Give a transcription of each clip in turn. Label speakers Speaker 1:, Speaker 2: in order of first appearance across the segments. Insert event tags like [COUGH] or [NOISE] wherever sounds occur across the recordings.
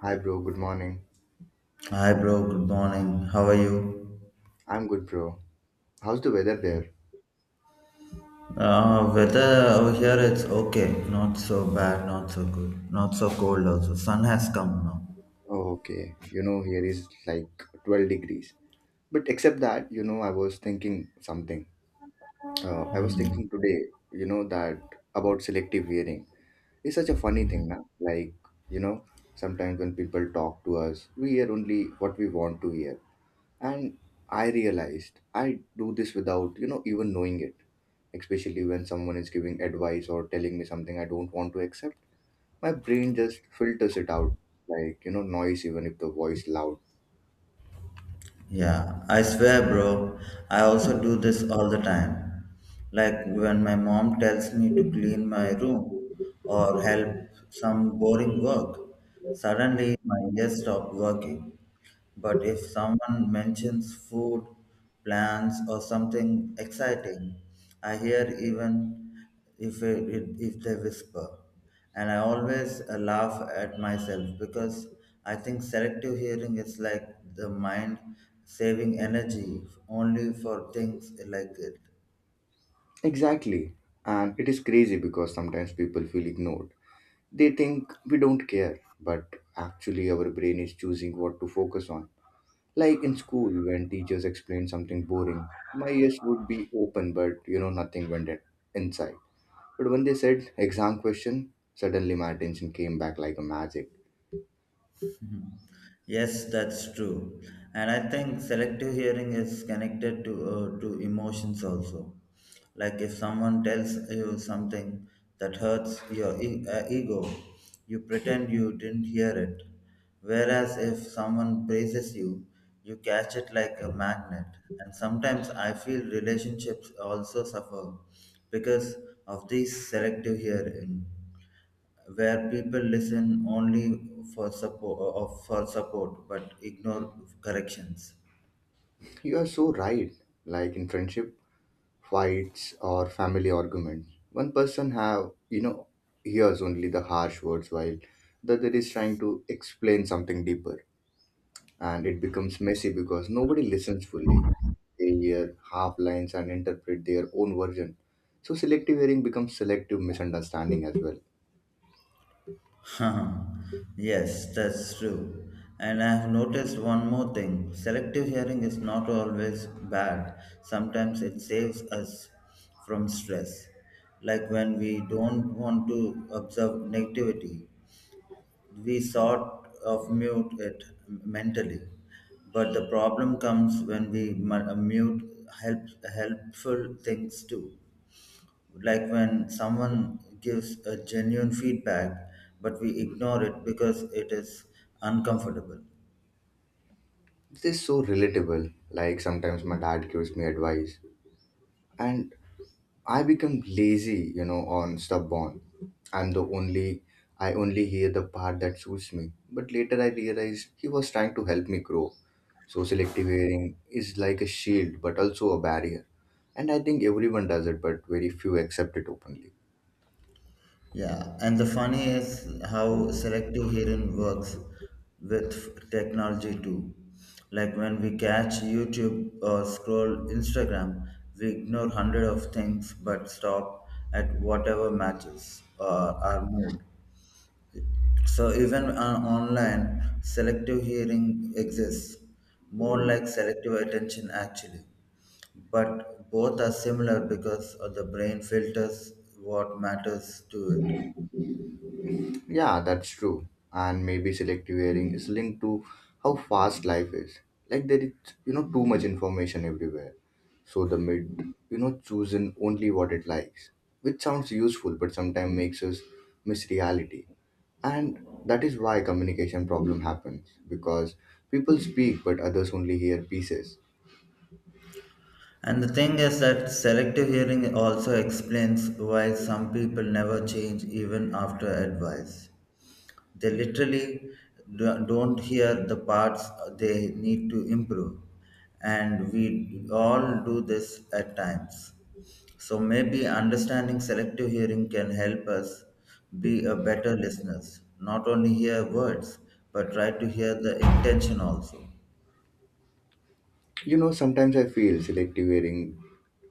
Speaker 1: Hi, bro. Good morning.
Speaker 2: Hi bro, good morning. How are you?
Speaker 1: I'm good, bro. How's the weather there?
Speaker 2: Weather over here it's okay. Not so bad, not so good. Not so cold also. Sun has come now.
Speaker 1: Oh, okay. You know, here is like 12 degrees. But except that, you know, I was thinking something. I was thinking today, you know, that about selective hearing. It's such a funny thing, now. Like, you know, sometimes when people talk to us, we hear only what we want to hear. And I realized I do this without, you know, even knowing it, especially when someone is giving advice or telling me something I don't want to accept. My brain just filters it out like, you know, noise, even if the voice loud.
Speaker 2: Yeah, I swear bro, I also do this all the time. Like when my mom tells me to clean my room or help some boring work, suddenly my ears stop working. But if someone mentions food, plants, or something exciting, I hear even if, it- if they whisper. And I always laugh at myself because I think selective hearing is like the mind saving energy only for things like it.
Speaker 1: Exactly, and it is crazy because sometimes people feel ignored. They think we don't care, but actually our brain is choosing what to focus on. Like in school, when teachers explain something boring, my ears would be open, but you know nothing went inside. But when they said exam question, suddenly my attention came back like a magic.
Speaker 2: Mhm. Yes, that's true. And I think selective hearing is connected to emotions also. Like if someone tells you something that hurts your ego, you pretend you didn't hear it. Whereas if someone praises you, you catch it like a magnet. And sometimes I feel relationships also suffer because of these selective hearing, where people listen only for support, but ignore corrections.
Speaker 1: You are so right. Like in friendship fights or family arguments. One person have, you know, hears only the harsh words while the other is trying to explain something deeper, and it becomes messy because nobody listens fully. They hear half lines and interpret their own version. So selective hearing becomes selective misunderstanding as well.
Speaker 2: [LAUGHS] Yes, that's true. And I have noticed one more thing, selective hearing is not always bad, sometimes it saves us from stress. Like when we don't want to observe negativity, we sort of mute it mentally. But the problem comes when we mute help, helpful things too, like when someone gives a genuine feedback but we ignore it because it is uncomfortable.
Speaker 1: This is so relatable. Like sometimes my dad gives me advice and I become lazy, you know, on stubborn. I'm the only I only hear the part that suits me. But later I realized he was trying to help me grow. So selective hearing is like a shield but also a barrier. And I think everyone does it, but very few accept it openly.
Speaker 2: Yeah, and the funny is how selective hearing works with technology too. Like when we catch youtube or scroll instagram, we ignore hundred of things but stop at whatever matches our mood. So even on online, selective hearing exists, more like selective attention actually. But both are similar because of the brain filters what matters to it.
Speaker 1: Yeah, that's true. And maybe selective hearing is linked to how fast life is. Like there is, you know, too much information everywhere. So the mid, you know, choosing only what it likes, which sounds useful, but sometimes makes us miss reality. And that is why communication problem happens because people speak, but others only hear pieces.
Speaker 2: And the thing is that selective hearing also explains why some people never change even after advice. They literally don't hear the parts they need to improve, and we all do this at times. So maybe understanding selective hearing can help us be a better listeners, not only hear words but try to hear the intention also.
Speaker 1: You know, sometimes I feel selective hearing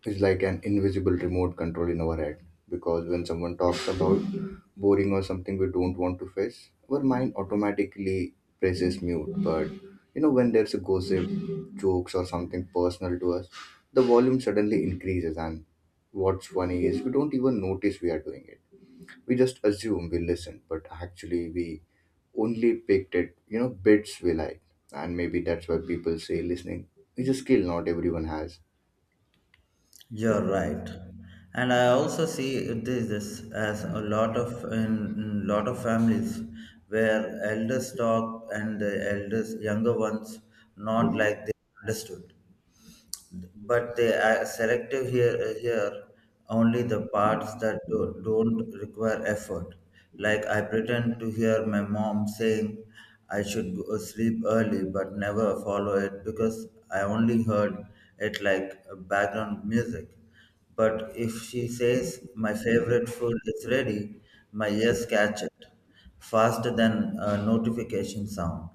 Speaker 1: is like an invisible remote control in our head, because when someone talks about boring or something we don't want to face, our mind automatically presses mute. But you know, when there's a gossip, jokes, or something personal to us, the volume suddenly increases. And what's funny is we don't even notice we are doing it. We just assume we listen, but actually we only picked it, you know, bits we like. And maybe that's why people say listening is a skill not everyone has.
Speaker 2: You're right, and I also see this, this as a lot of in lot of families where elders talk and the elders younger ones, not like they understood, but they are selective here only the parts that don't require effort. Like I pretend to hear my mom saying I should go sleep early but never follow it because I only heard it like background music. But if she says my favorite food is ready, my ears catch it faster than a notification sound.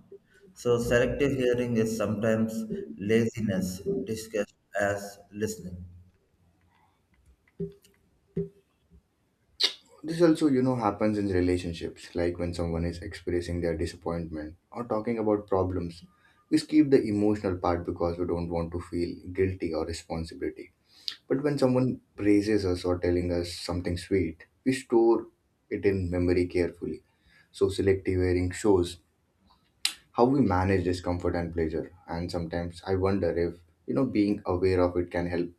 Speaker 2: So, selective hearing is sometimes laziness discussed as listening.
Speaker 1: This also, you know, happens in relationships, like when someone is expressing their disappointment or talking about problems. We skip the emotional part because we don't want to feel guilty or responsibility. But when someone praises us or telling us something sweet, we store it in memory carefully. So selective hearing shows how we manage discomfort and pleasure. And sometimes I wonder if, you know, being aware of it can help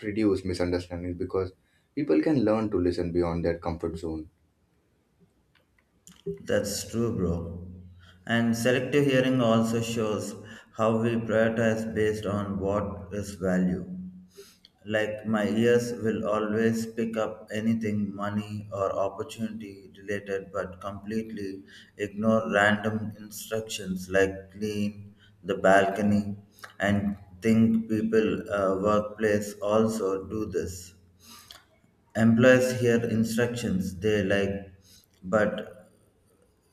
Speaker 1: reduce misunderstandings because people can learn to listen beyond their comfort zone.
Speaker 2: That's true, bro. And selective hearing also shows how we prioritize based on what is value. Like, my ears will always pick up anything money or opportunity related, but completely ignore random instructions like clean the balcony. And think people, workplace also do this. Employees hear instructions they like but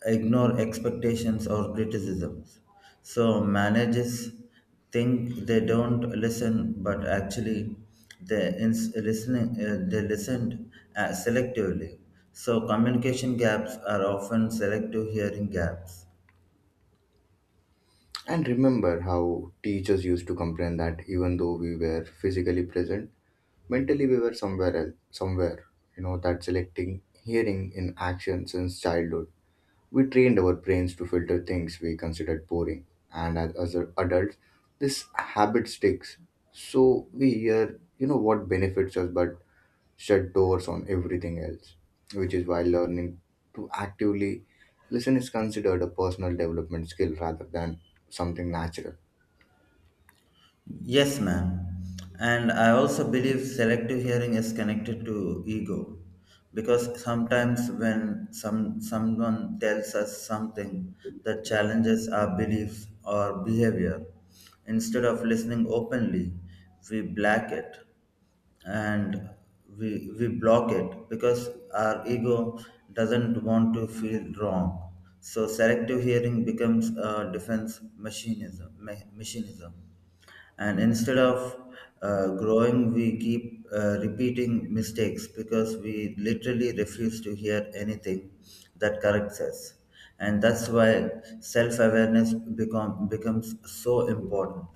Speaker 2: ignore expectations or criticisms. So managers think they don't listen, but actually they ins- listening they listened selectively. So communication gaps are often selective hearing gaps.
Speaker 1: And remember how teachers used to complain that even though we were physically present, mentally we were somewhere else, somewhere. You know, that selecting hearing in action since childhood. We trained our brains to filter things we considered boring. And as adults, this habit sticks. So we hear, you know, what benefits us but shut doors on everything else, which is why learning to actively listen is considered a personal development skill rather than something natural.
Speaker 2: Yes, ma'am. And I also believe selective hearing is connected to ego because sometimes when someone tells us something that challenges our beliefs or behavior, instead of listening openly, we black it and we block it because our ego doesn't want to feel wrong. So selective hearing becomes a defense machinism. Machinism, and instead of growing we keep repeating mistakes because we literally refuse to hear anything that corrects us. And that's why self-awareness becomes so important.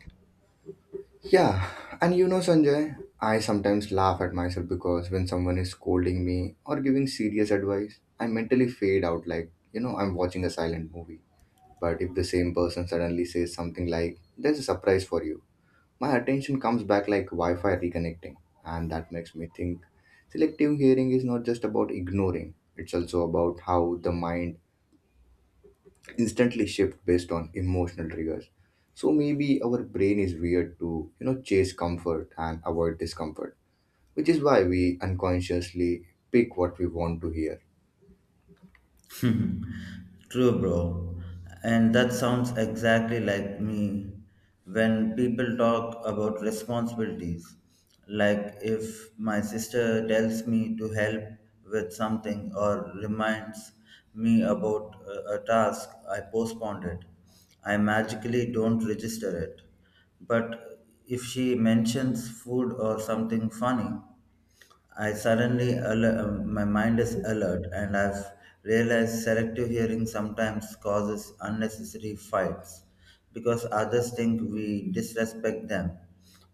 Speaker 1: Yeah, and you know, Sanjay, I sometimes laugh at myself because when someone is scolding me or giving serious advice, I mentally fade out like, you know, I'm watching a silent movie. But if the same person suddenly says something like, "There's a surprise for you," my attention comes back like Wi Fi reconnecting. And that makes me think selective hearing is not just about ignoring, it's also about how the mind instantly shift based on emotional triggers. So maybe our brain is weird to, you know, chase comfort and avoid discomfort, which is why we unconsciously pick what we want to hear.
Speaker 2: [LAUGHS] Hmm, True, bro. And that sounds exactly like me when people talk about responsibilities. Like if my sister tells me to help with something or reminds me about a task, I postponed it. I magically don't register it. But if she mentions food or something funny, I suddenly my mind is alert, and I've realized selective hearing sometimes causes unnecessary fights because others think we disrespect them,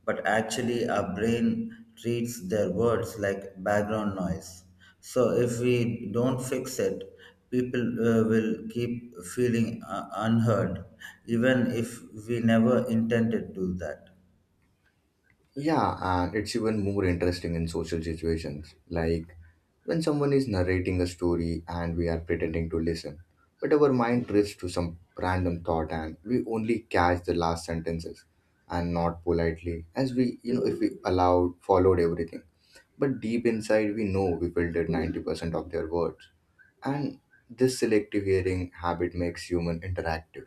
Speaker 2: but actually our brain treats their words like background noise. So if we don't fix it, people will keep feeling unheard, even if we never intended to do that.
Speaker 1: Yeah, and it's even more interesting in social situations, like when someone is narrating a story and we are pretending to listen, but our mind drifts to some random thought and we only catch the last sentences and not politely, as we, you know, if we allowed followed everything. But deep inside, we know we filtered 90% of their words. And this selective hearing habit makes human interactive,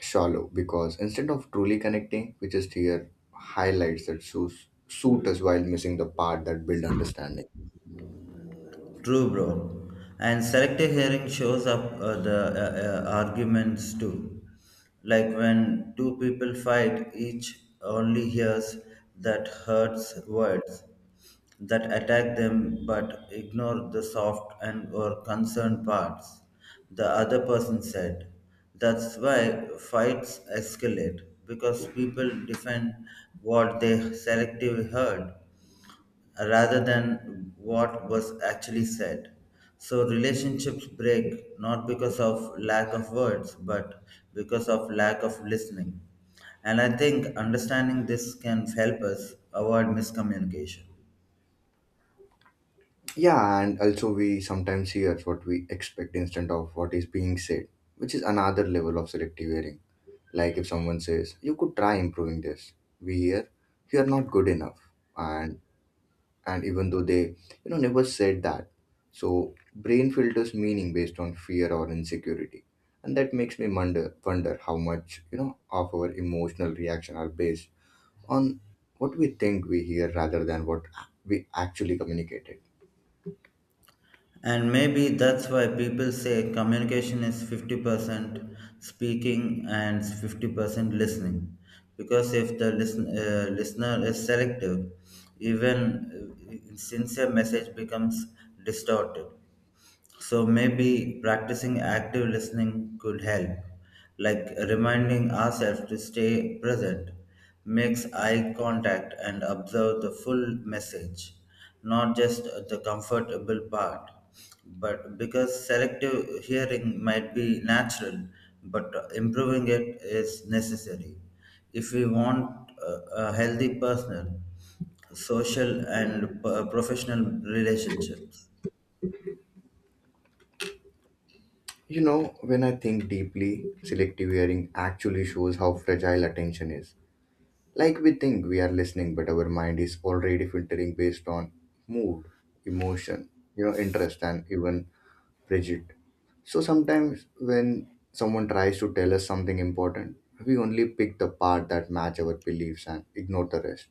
Speaker 1: shallow, because instead of truly connecting, we just hear highlights that suit us while missing the part that build understanding.
Speaker 2: True, bro. And selective hearing shows up the arguments too. Like when two people fight, each only hears that hurts words that attack them but ignore the soft and or concerned parts the other person said. That's why fights escalate because people defend what they selectively heard rather than what was actually said. So relationships break not because of lack of words, but because of lack of listening. And I think understanding this can help us avoid miscommunication.
Speaker 1: Yeah, and also we sometimes hear what we expect instead of what is being said, which is another level of selective hearing. Like if someone says, "You could try improving this," we hear, "You're not good enough." And and even though they, you know, never said that, so brain filters meaning based on fear or insecurity, and that makes me wonder how much, you know, of our emotional reaction are based on what we think we hear rather than what we actually communicated.
Speaker 2: And maybe that's why people say communication is 50% speaking and 50% listening. Because if the listener is selective, even sincere message becomes distorted. So maybe practicing active listening could help, like reminding ourselves to stay present, makes eye contact, and observe the full message, not just the comfortable part. But because selective hearing might be natural, but improving it is necessary. If we want a healthy personal, social, and professional relationships.
Speaker 1: You know, when I think deeply, selective hearing actually shows how fragile attention is. Like we think we are listening, but our mind is already filtering based on mood, emotion, you know, interest, and even rigid. So sometimes when someone tries to tell us something important, we only pick the part that match our beliefs and ignore the rest.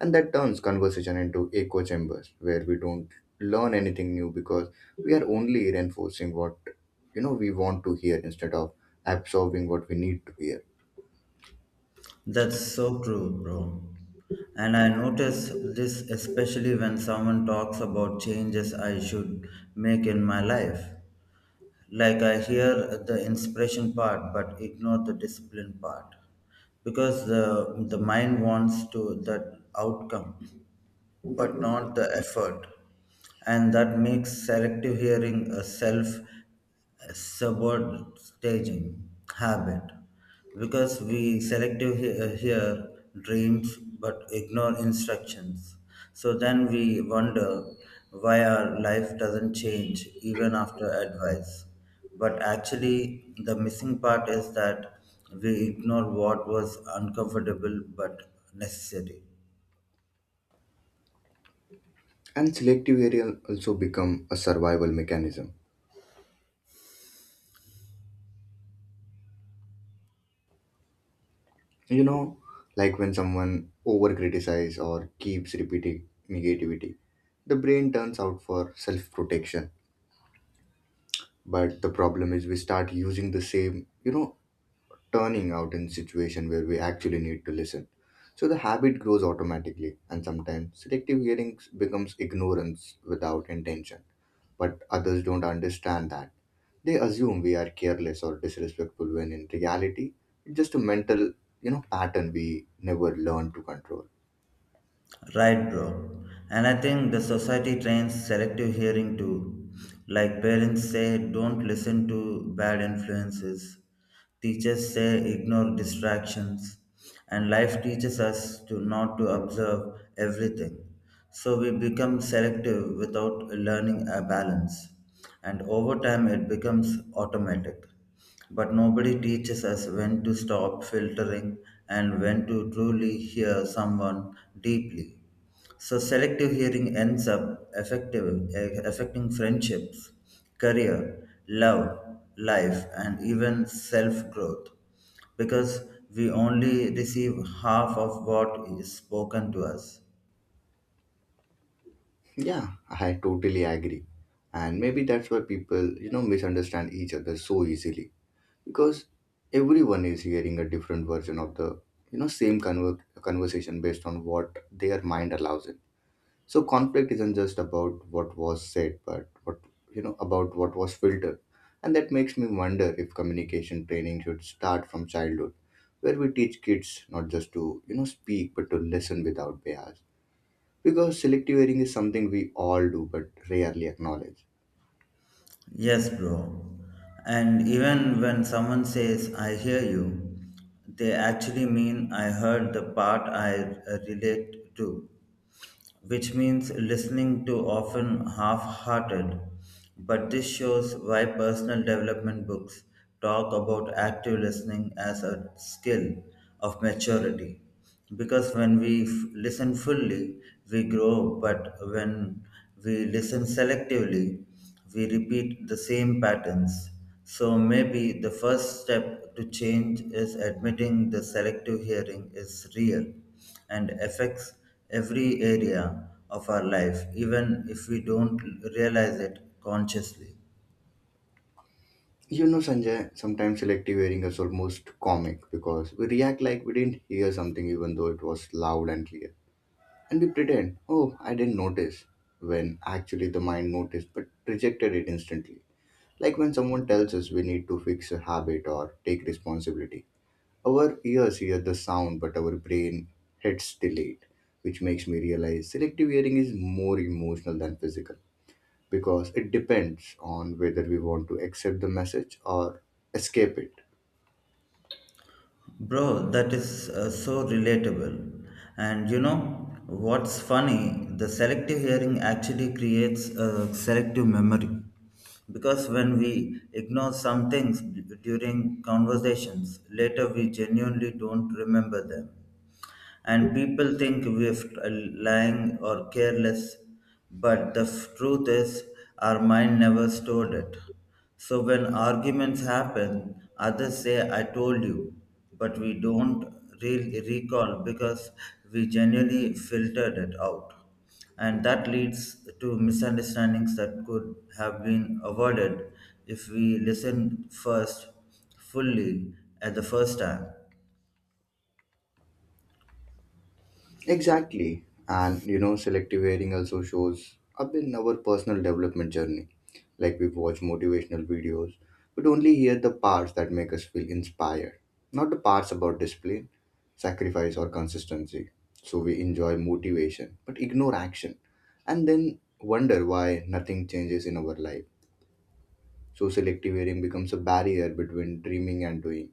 Speaker 1: And that turns conversation into echo chambers where we don't learn anything new, because we are only reinforcing what, you know, we want to hear instead of absorbing what we need to hear.
Speaker 2: That's so true, bro. And I notice this especially when someone talks about changes I should make in my life. Like I hear the inspiration part but ignore the discipline part because the mind wants to that outcome but not the effort. And that makes selective hearing a self sabotaging habit because we hear dreams but ignore instructions. So then we wonder why our life doesn't change even after advice. But actually, the missing part is that we ignore what was uncomfortable but necessary.
Speaker 1: And selective hearing also become a survival mechanism, you know, like when someone over criticize or keeps repeating negativity, the brain turns out for self protection. But the problem is we start using the same, you know, turning out in situation where we actually need to listen. So the habit grows automatically, and sometimes selective hearing becomes ignorance without intention. But others don't understand that. They assume we are careless or disrespectful when in reality, it's just a mental, you know, pattern we never learn to control.
Speaker 2: Right, bro. And I think the society trains selective hearing too. Like parents say, don't listen to bad influences. Teachers say, ignore distractions. And life teaches us to not to observe everything. So we become selective without learning a balance. And over time, it becomes automatic. But nobody teaches us when to stop filtering and when to truly hear someone deeply. So selective hearing ends up affecting friendships, career, love, life, and even self growth because we only receive half of what is spoken to us.
Speaker 1: Yeah, I totally agree. And maybe that's why people, you know, misunderstand each other so easily, because everyone is hearing a different version of the, you know, same conversation based on what their mind allows it. So conflict isn't just about what was said but what, you know, about what was filtered. And that makes me wonder if communication training should start from childhood, where we teach kids not just to, you know, speak but to listen without bias, because selective hearing is something we all do but rarely acknowledge.
Speaker 2: Yes, bro. And even when someone says, I hear you, they actually mean I heard the part I relate to, which means listening to often half hearted. But this shows why personal development books talk about active listening as a skill of maturity. Because when we listen fully, we grow, but when we listen selectively, we repeat the same patterns. So maybe the first step to change is admitting the selective hearing is real and affects every area of our life, even if we don't realize it consciously.
Speaker 1: You know, Sanjay, sometimes selective hearing is almost comic because we react like we didn't hear something even though it was loud and clear. And we pretend, "Oh, I didn't notice," when actually the mind noticed but rejected it instantly. Like when someone tells us we need to fix a habit or take responsibility. Our ears hear the sound, but our brain hits delayed, which makes me realize selective hearing is more emotional than physical because it depends on whether we want to accept the message or escape it.
Speaker 2: Bro, that is so relatable. And you know what's funny? The selective hearing actually creates a selective memory. Because when we ignore some things during conversations, later we genuinely don't remember them. And people think we're lying or careless, but the truth is, our mind never stored it. So when arguments happen, others say, I told you, but we don't recall because we genuinely filtered it out. And that leads to misunderstandings that could have been avoided if we listened first fully at the first time.
Speaker 1: Exactly. And you know, selective hearing also shows up in our personal development journey. Like we watch motivational videos, but only hear the parts that make us feel inspired, not the parts about discipline, sacrifice, or consistency. So we enjoy motivation, but ignore action, and then wonder why nothing changes in our life. So selective hearing becomes a barrier between dreaming and doing,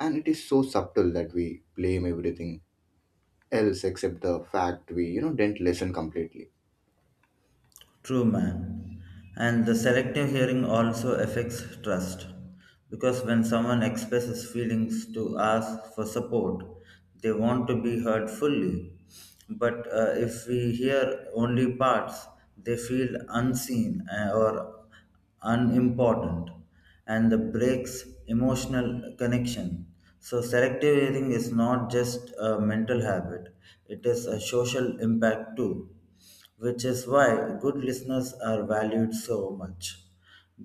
Speaker 1: and it is so subtle that we blame everything else except the fact we, you know, didn't listen completely.
Speaker 2: True, man. And the selective hearing also affects trust because when someone expresses feelings to ask for support, they want to be heard fully. But if we hear only parts, they feel unseen or unimportant, and the breaks emotional connection. So selective hearing is not just a mental habit, it is a social impact too, which is why good listeners are valued so much.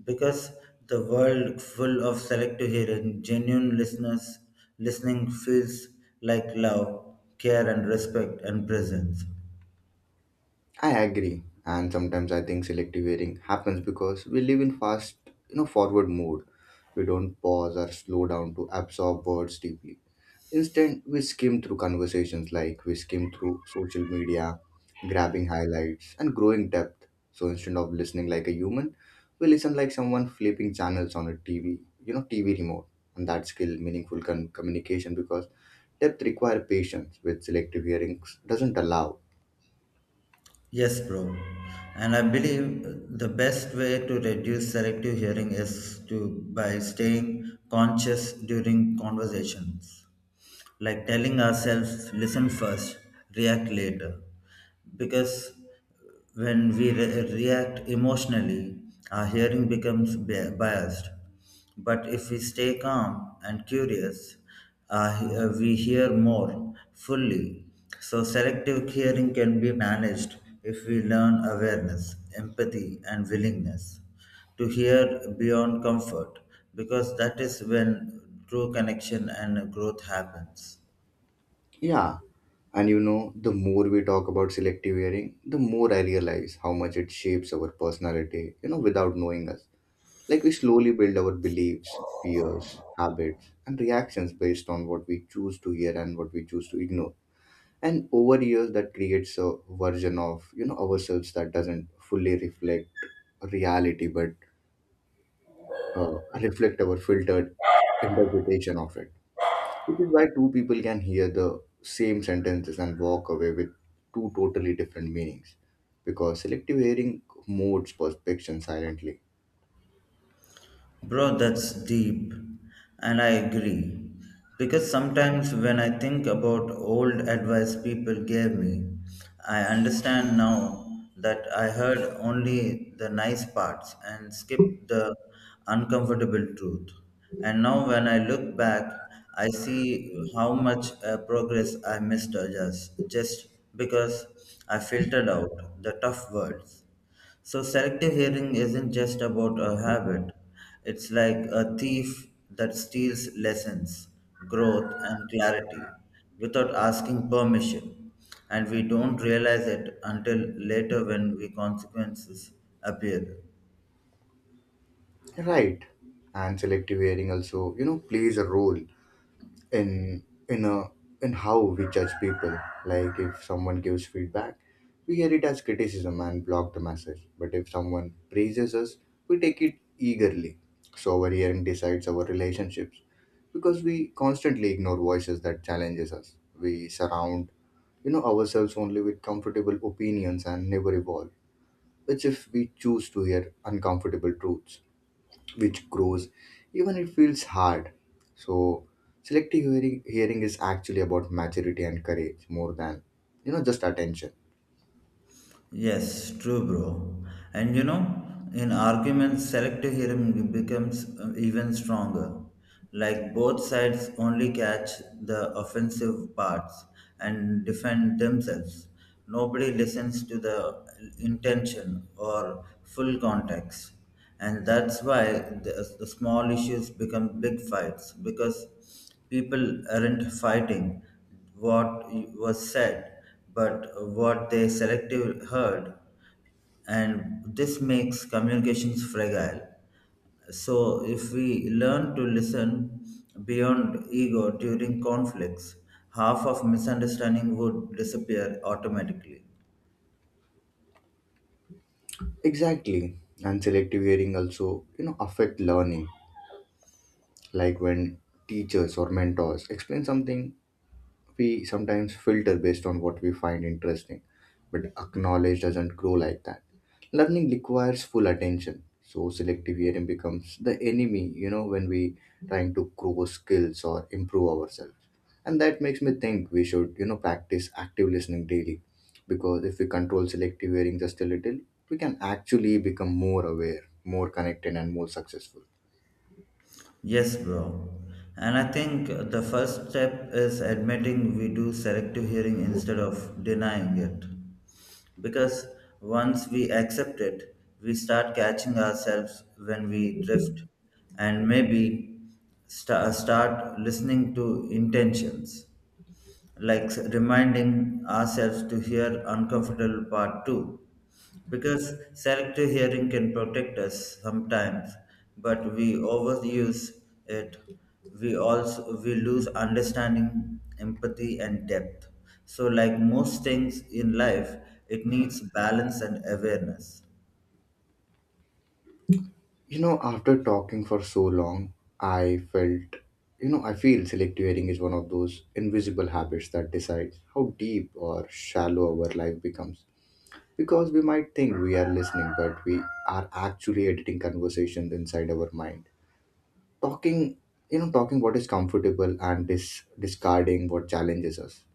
Speaker 2: Because the world full of selective hearing, genuine listeners listening feels like love, care and respect and presence.
Speaker 1: I agree, and sometimes I think selective hearing happens because we live in fast, you know, forward mode. We don't pause or slow down to absorb words deeply. Instead, we skim through conversations like we skim through social media, grabbing highlights and growing depth. So instead of listening like a human, we listen like someone flipping channels on a TV, you know, TV remote. And that skill meaningful communication because depth require patience, which selective hearings doesn't allow.
Speaker 2: Yes, bro. And I believe the best way to reduce selective hearing is to by staying conscious during conversations. Like telling ourselves, listen first, react later. Because when we react emotionally, our hearing becomes biased. But if we stay calm and curious, we hear more fully. So, selective hearing can be managed if we learn awareness, empathy, and willingness to hear beyond comfort, because that is when true connection and growth happens.
Speaker 1: Yeah. And you know, the more we talk about selective hearing, the more I realize how much it shapes our personality, you know, without knowing us. Like we slowly build our beliefs, fears, habits, and reactions based on what we choose to hear and what we choose to ignore. And over years, that creates a version of, you know, ourselves that doesn't fully reflect reality, but reflect our filtered interpretation of it. Which is why two people can hear the same sentences and walk away with two totally different meanings. Because selective hearing modes perception silently.
Speaker 2: Bro, that's deep. And I agree. Because sometimes when I think about old advice people gave me, I understand now that I heard only the nice parts and skipped the uncomfortable truth. And now when I look back, I see how much progress I missed just because I filtered out the tough words. So selective hearing isn't just about a habit. It's like a thief that steals lessons, growth, and clarity without asking permission. And we don't realize it until later when the consequences appear.
Speaker 1: Right. And selective hearing also, plays a role in in a in how we judge people. Like if someone gives feedback, we hear it as criticism and block the message. But if someone praises us, we take it eagerly. So our hearing decides our relationships, because we constantly ignore voices that challenges us. We surround ourselves only with comfortable opinions and never evolve, which if we choose to hear uncomfortable truths, which grows even it feels hard. So selective hearing, is actually about maturity and courage more than just attention.
Speaker 2: Yes, true, bro. And you know, in arguments, selective hearing becomes even stronger. Like both sides only catch the offensive parts and defend themselves. Nobody listens to the intention or full context. And that's why the small issues become big fights because people aren't fighting what was said but what they selective heard. And this makes communications fragile. So if we learn to listen beyond ego during conflicts, half of misunderstanding would disappear automatically.
Speaker 1: Exactly. And selective hearing also affect learning. Like when teachers or mentors explain something, we sometimes filter based on what we find interesting, but knowledge doesn't grow like that. Learning requires full attention, so selective hearing becomes the enemy, when we trying to grow skills or improve ourselves. And that makes me think we should, practice active listening daily, because if we control selective hearing just a little, we can actually become more aware, more connected, and more successful.
Speaker 2: Yes, bro. And I think the first step is admitting we do selective hearing instead of denying it. Because once we accept it, we start catching ourselves when we drift, and maybe start listening to intentions, like reminding ourselves to hear uncomfortable part too. Because selective hearing can protect us sometimes, but we overuse it. We also we lose understanding, empathy, and depth. So, like most things in life, it needs balance and awareness.
Speaker 1: You know, after talking for so long, I felt, I feel selective hearing is one of those invisible habits that decides how deep or shallow our life becomes. Because we might think we are listening, but we are actually editing conversations inside our mind. Talking, talking what is comfortable and discarding what challenges us.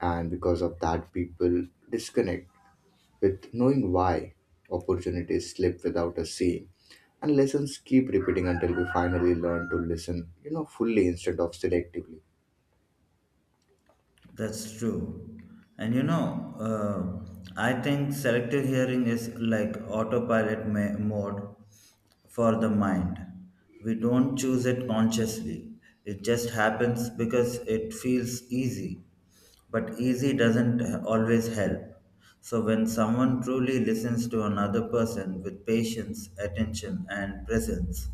Speaker 1: And because of that, people disconnect with knowing why opportunities slip without us seeing, and lessons keep repeating until we finally learn to listen fully instead of selectively.
Speaker 2: That's true. And you know, I think selective hearing is like autopilot mode for the mind. We don't choose it consciously, it just happens because it feels easy. But easy doesn't always help. So, when someone truly listens to another person with patience, attention, and presence,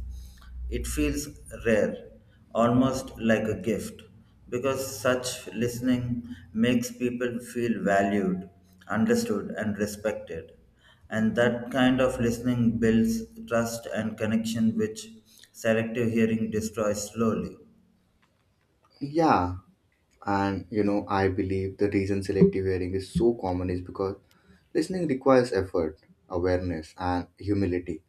Speaker 2: it feels rare, almost like a gift, because such listening makes people feel valued, understood, and respected. And that kind of listening builds trust and connection, which selective hearing destroys slowly.
Speaker 1: Yeah. And you know, I believe the reason selective hearing is so common is because listening requires effort, awareness, and humility,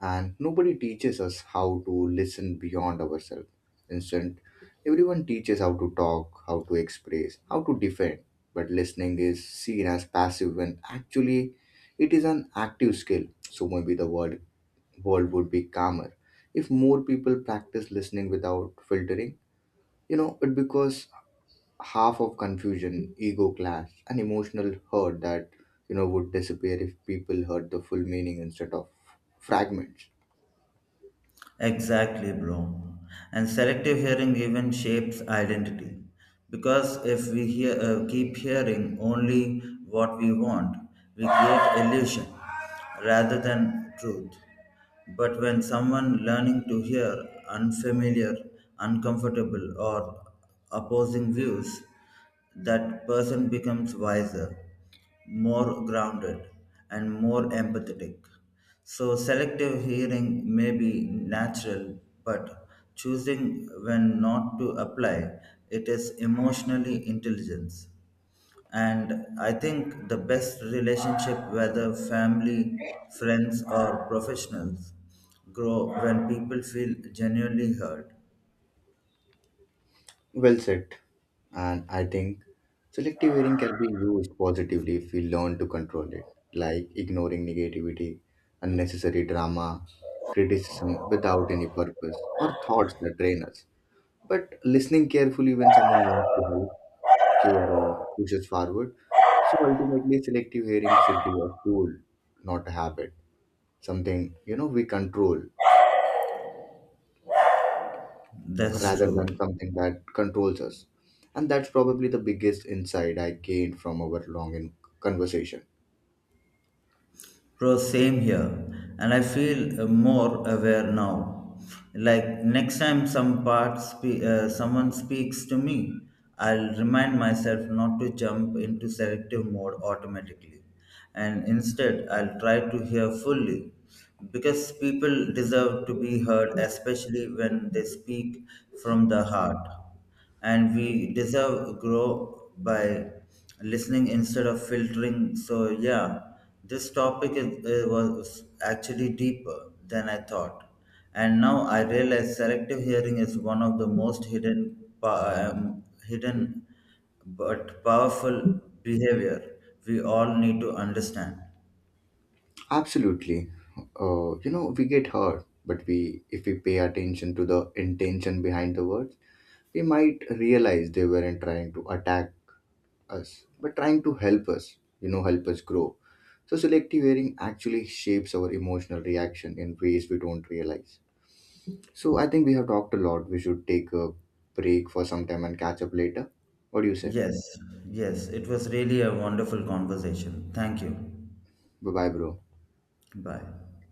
Speaker 1: and nobody teaches us how to listen beyond ourselves. Instead, everyone teaches how to talk, how to express, how to defend. But listening is seen as passive when actually it is an active skill. So maybe the world would be calmer if more people practice listening without filtering. You know, it because half of confusion, ego clash, and emotional hurt that would disappear if people heard the full meaning instead of fragments.
Speaker 2: Exactly, bro. And selective hearing even shapes identity. Because if we keep hearing only what we want, we create illusion rather than truth. But when someone learning to hear unfamiliar, uncomfortable, or opposing views, that person becomes wiser, more grounded, and more empathetic. So, selective hearing may be natural, but choosing when not to apply it is emotionally intelligence. And I think the best relationship, whether family, friends, or professionals, grow when people feel genuinely heard.
Speaker 1: Well said. And I think selective hearing can be used positively if we learn to control it, like ignoring negativity, unnecessary drama, criticism without any purpose, or thoughts that drain us. But listening carefully when someone wants to help, care, or pushes forward. So ultimately, selective hearing should be a tool, not a habit. Something we control
Speaker 2: That's
Speaker 1: rather
Speaker 2: true.
Speaker 1: than something that controls us. And that's probably the biggest insight I gained from our long conversation.
Speaker 2: Bro, same here. And I feel more aware now. Like next time someone speaks to me, I'll remind myself not to jump into selective mode automatically. And instead, I'll try to hear fully. Because people deserve to be heard, especially when they speak from the heart, and we deserve grow by listening instead of filtering. So yeah, this topic was actually deeper than I thought. And now I realize selective hearing is one of the most hidden hidden but powerful behavior we all need to understand.
Speaker 1: Absolutely. You know, we get hurt, but we if we pay attention to the intention behind the words, we might realize they weren't trying to attack us, but trying to help us, help us grow. So, selective hearing actually shapes our emotional reaction in ways we don't realize. So, I think we have talked a lot. We should take a break for some time and catch up later. What do you say?
Speaker 2: Yes, yes, it was really a wonderful conversation, thank you.
Speaker 1: Bye bye, bro.
Speaker 2: Bye.